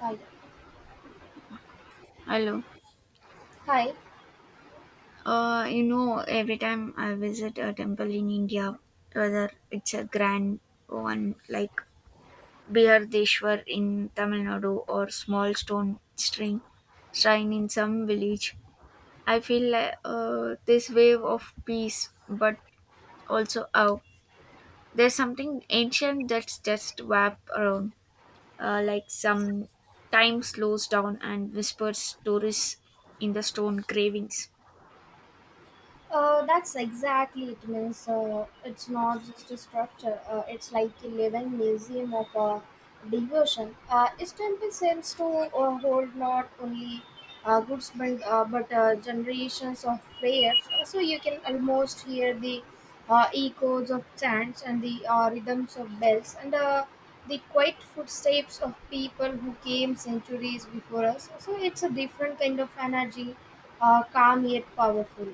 Hi. Hello. Hi. Every time I visit a temple in India, whether it's a grand one like Bihardeshwar in Tamil Nadu or small stone string shrine in some village, I feel like this wave of peace, but also there's something ancient that's just wrapped around, like some time slows down and whispers stories in the stone cravings. That's exactly it means, it's not just a structure, it's like a living museum of devotion. It simply seems to hold not only good spirit but generations of prayers. So you can almost hear the echoes of chants and the rhythms of bells and the quiet footsteps of people who came centuries before us. So it's a different kind of energy, calm yet powerful.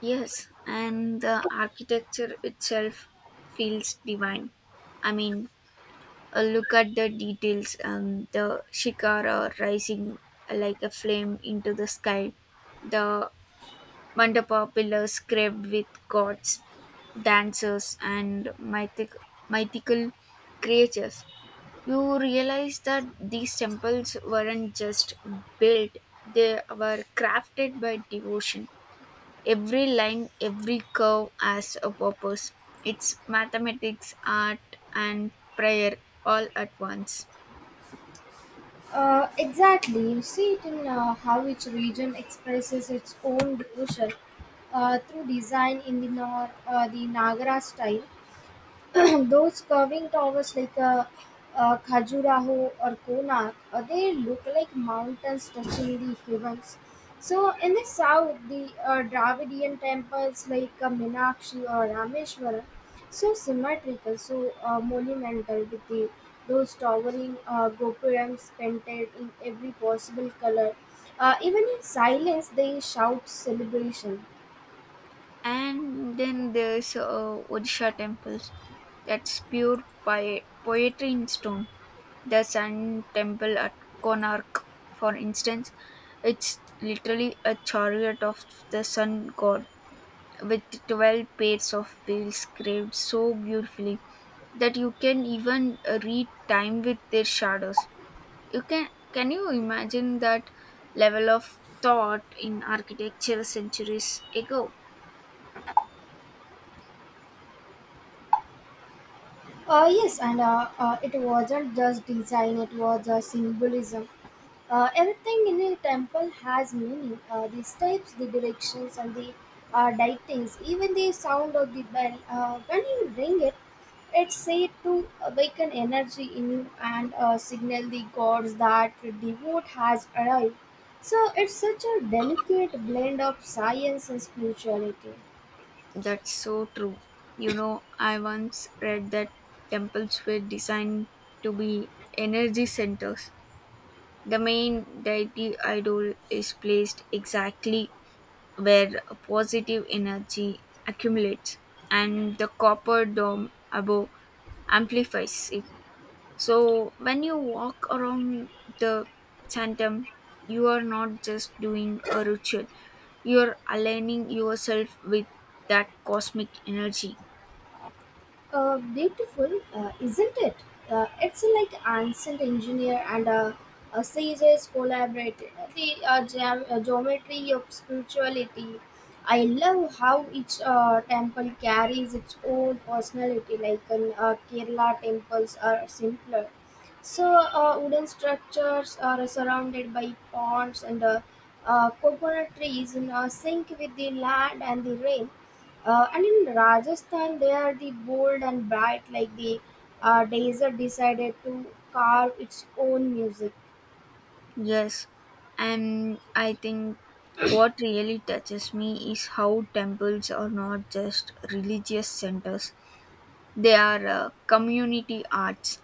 Yes, and the architecture itself feels divine. I mean, a look at the details, the shikara rising like a flame into the sky, the mandapa pillars carved with gods, dancers, and mythical creatures. You realize that these temples weren't just built, they were crafted by devotion. Every line, every curve has a purpose. It's mathematics, art, and prayer all at once. Exactly. You see it in how each region expresses its own devotion through design in the, nor- the Nagara style. Those curving towers like Khajuraho or Konark, they look like mountains touching the heavens. So in the south, the Dravidian temples like Minakshi or Rameshwaram, so symmetrical, so monumental with the those towering gopurams painted in every possible color. Even in silence, they shout celebration. And then there's Odisha temples. That's pure poetry in stone. The Sun Temple at Konark, for instance, it's literally a chariot of the sun god, with 12 pairs of wheels carved so beautifully that you can even read time with their shadows. You Can you imagine that level of thought in architecture centuries ago? Yes, and it wasn't just design, it was symbolism. Everything in a temple has meaning, the steps, the directions, and the lightings, even the sound of the bell. When you ring it, it's said to awaken energy in you and signal the gods that the vote has arrived. So it's such a delicate blend of science and spirituality. That's so true. You know, I once read that temples were designed to be energy centers. The main deity idol is placed exactly where positive energy accumulates, and the copper dome above amplifies it. So when you walk around the sanctum, you are not just doing a ritual, you are aligning yourself with that cosmic energy. Beautiful, isn't it? It's like ancient engineer and a sages collaborated. The geometry of spirituality. I love how each temple carries its own personality. Like in Kerala, temples are simpler, so wooden structures are surrounded by ponds and coconut trees in sync with the land and the rain. And in Rajasthan, they are the bold and bright, like the desert decided to carve its own music. Yes, and I think what really touches me is how temples are not just religious centers, they are community arts.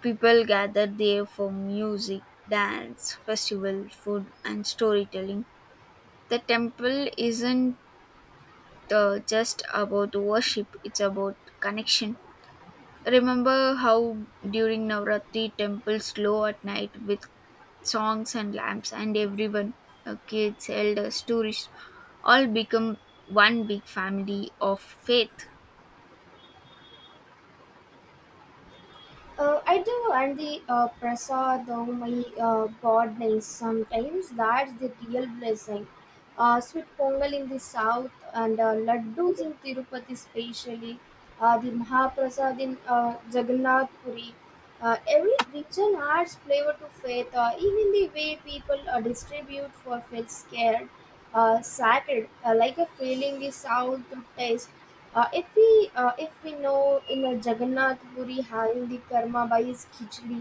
People gather there for music, dance, festival, food, and storytelling. The temple isn't just about worship, it's about connection. Remember how during Navratri temples glow at night with songs and lamps, and everyone, kids, elders, tourists, all become one big family of faith. I do, and the prasad, oh my goodness, sometimes that's the real blessing. Sweet pongal in the south and laddus in Tirupati, especially the Mahaprasad in Jagannath Puri. Every region adds flavor to faith, even the way people distribute for faith scared, sacred, like a feeling the south to taste, if we know in a Jagannath Puri having the karma by his khichdi,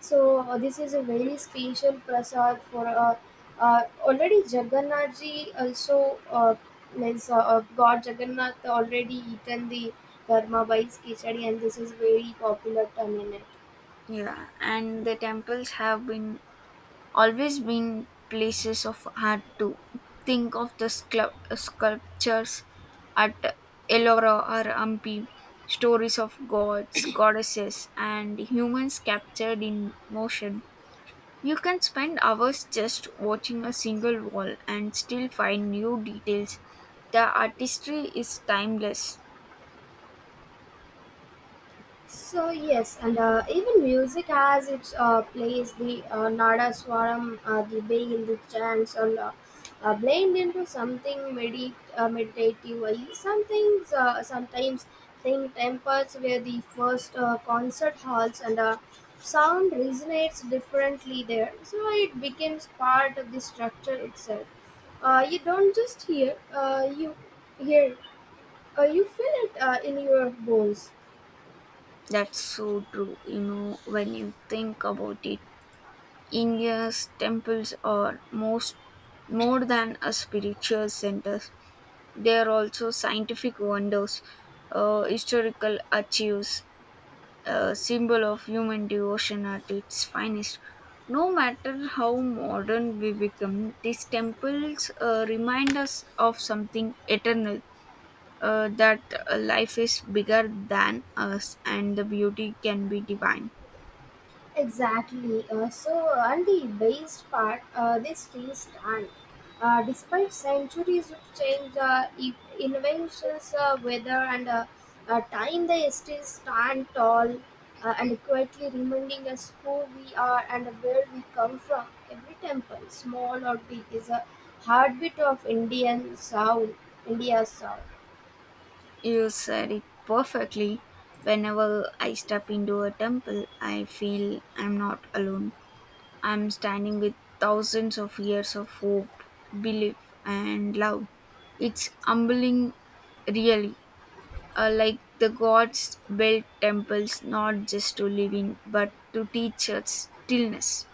so this is a very special prasad for already Jagannath ji also means God Jagannath already eaten the karma by his khichdi and this is very popular term in. Yeah, and the temples have been always been places of art too. Think of the sculptures at Ellora or Hampi, stories of gods, goddesses, and humans captured in motion. You can spend hours just watching a single wall and still find new details. The artistry is timeless. So yes, and even music has its place. The nada swaram, the bay the chants, and blend into something meditative. I something Sometimes think temples where the first concert halls, and sound resonates differently there. So it becomes part of the structure itself. You don't just hear, hear, you feel it in your bones. That's so true, you know, when you think about it. India's temples are most more than a spiritual centers. They are also scientific wonders, historical archives, a symbol of human devotion at its finest. No matter how modern we become, these temples remind us of something eternal. That Life is bigger than us and the beauty can be divine. Exactly. So, on the based part, they still stand. Despite centuries of change, e- inventions, weather, and time, they still stand tall, and quietly reminding us who we are and where we come from. Every temple, small or big, is a heartbeat of Indian sound, India's sound. You said it perfectly. Whenever I step into a temple, I feel I'm not alone. I'm standing with thousands of years of hope, belief, and love. It's humbling, really. Like the gods built temples not just to live in, but to teach us stillness.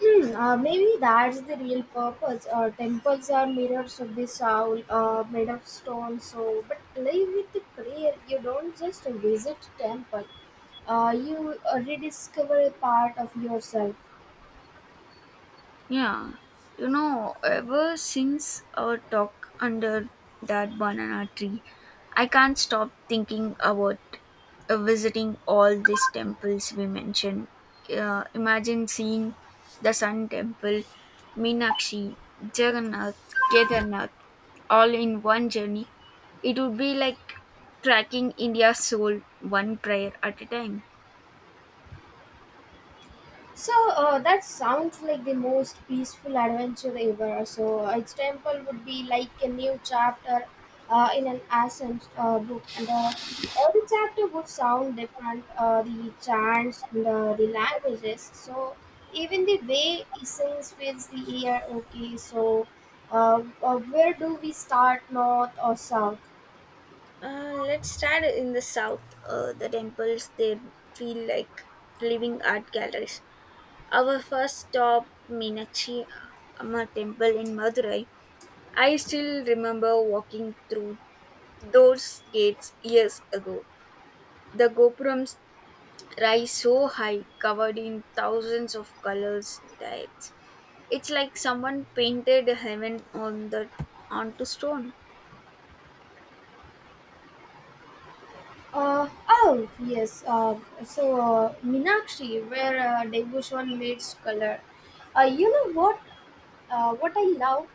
Hmm, maybe that's the real purpose. Temples are mirrors of the soul, made of stone. So, but live with the prayer. You don't just visit temple. You rediscover a part of yourself. Yeah, you know, ever since our talk under that banana tree, I can't stop thinking about visiting all these temples we mentioned. Imagine seeing the Sun Temple, Meenakshi, Jagannath, Kedarnath, all in one journey. It would be like tracking India's soul one prayer at a time. So that sounds like the most peaceful adventure ever. So each temple would be like a new chapter in an ancient book, and every chapter would sound different. The chants and the languages. So even the way he sings fills the ear. Okay, so where do we start, north or south? Let's start in the south. The temples they feel like living art galleries. Our first stop, Meenakshi Amma Temple in Madurai. I still remember walking through those gates years ago. The gopurams rise so high, covered in thousands of colors and dyes. It's like someone painted heaven on the onto stone. Oh, yes. So, Minakshi, where devotion meets color. You know what? What I love?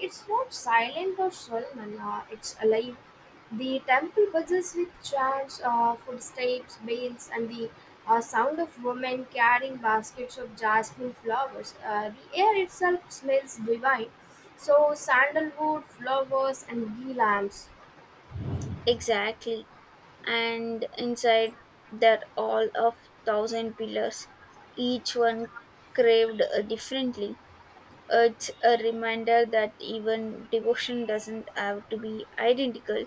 It's not silent or solemn, it's alive. The temple buzzes with chants, footsteps, bells, and the sound of women carrying baskets of jasmine flowers. The air itself smells divine. So, sandalwood, flowers, and ghee lamps. Exactly. And inside there all of thousand pillars, each one craved differently. It's a reminder that even devotion doesn't have to be identical.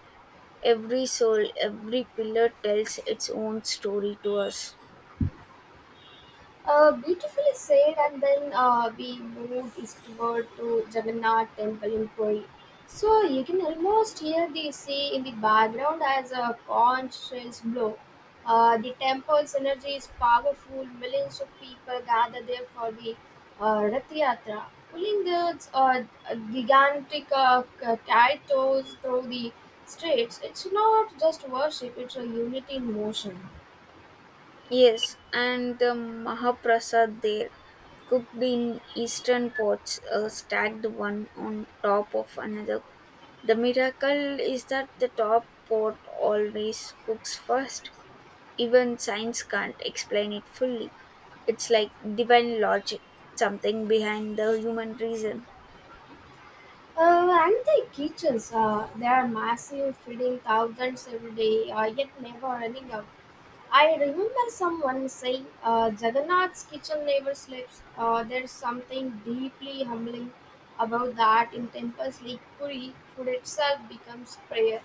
Every soul, every pillar tells its own story to us. Beautifully said, and then we moved eastward to Jagannath Temple in Puri. So you can almost hear the sea in the background as a conch shells blow. The temple's energy is powerful. Millions of people gather there for the Rath Yatra, pulling the gigantic carrying through the streets. It's not just worship; it's a unity in motion. Yes, and the Mahaprasad there, cooked in eastern pots, stacked one on top of another. The miracle is that the top pot always cooks first. Even science can't explain it fully. It's like divine logic, something behind the human reason. And the kitchens, they are massive, feeding thousands every day, yet never running out. I remember someone saying, Jagannath's kitchen never sleeps. There's something deeply humbling about that. In temples like Puri, food itself becomes prayer.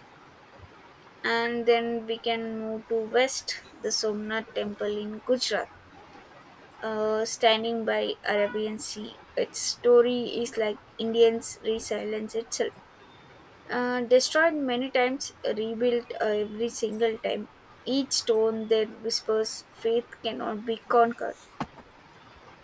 And then we can move to west, the Somnath temple in Gujarat, standing by Arabian Sea. Its story is like Indians' resilience itself. Destroyed many times, rebuilt every single time. Each stone then whispers, faith cannot be conquered.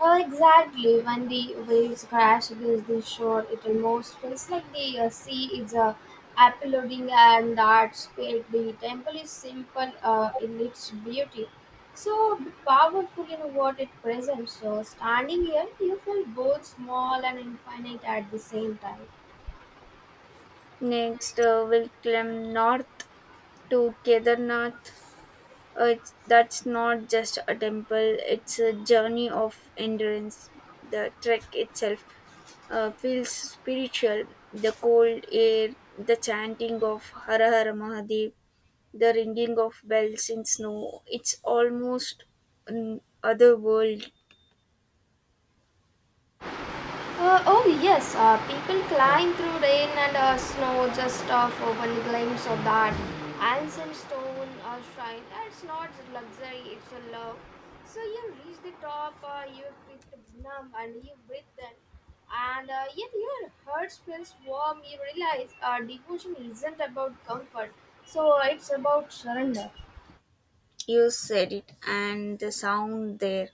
Oh, exactly. When the waves crash against the shore, it almost feels like the sea is applauding and that spirit. The temple is simple in its beauty, so powerful in what it presents. So, standing here, you feel both small and infinite at the same time. Next, we'll climb north to Kedarnath. That's not just a temple, it's a journey of endurance. The trek itself feels spiritual. The cold air, the chanting of Hara Hara Mahadev, the ringing of bells in snow, it's almost an otherworld. Oh yes, people climb through rain and snow just for one glimpse of that ancient stone shrine. It's not luxury, it's a love. So you reach the top, you feel numb and you breathe in, and yet your heart feels warm. You realize devotion isn't about comfort, so it's about surrender. You said it, and the sound there.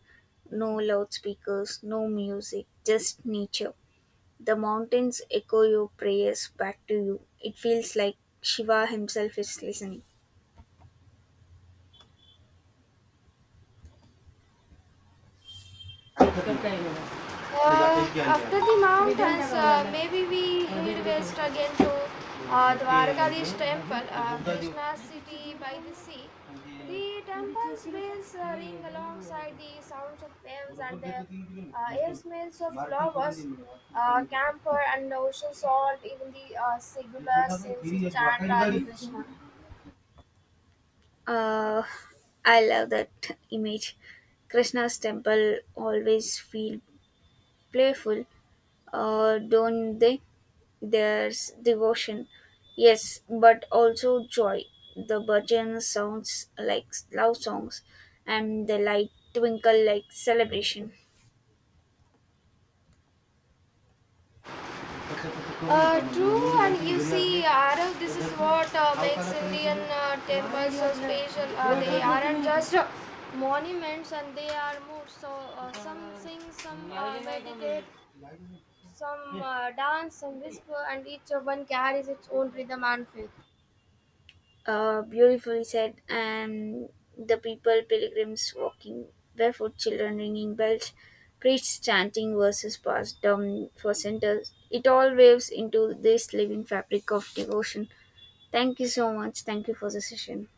No loudspeakers, no music, just nature. The mountains echo your prayers back to you. It feels like Shiva himself is listening. After the mountains, maybe we will west again to Dwarkadish temple, Krishna city by the sea. The temple's bells ring alongside the sounds of waves and the air smells of flowers, camphor and ocean salt, even the singular sins chant Hare Krishna. Uh, I love that image. Krishna's temple always feel playful, don't they? There's devotion, yes, but also joy. The bhajan sounds like love songs, and the light twinkle like celebration. True, and you see, Arav, this is what makes Indian temples so special. They aren't just monuments, and they are moods. So some sing, some meditate, some dance, some whisper, and each one carries its own rhythm and faith. Beautifully said. And the people, pilgrims walking barefoot, children ringing bells, priests chanting verses passed down for centers. It all waves into this living fabric of devotion. Thank you so much. Thank you for the session.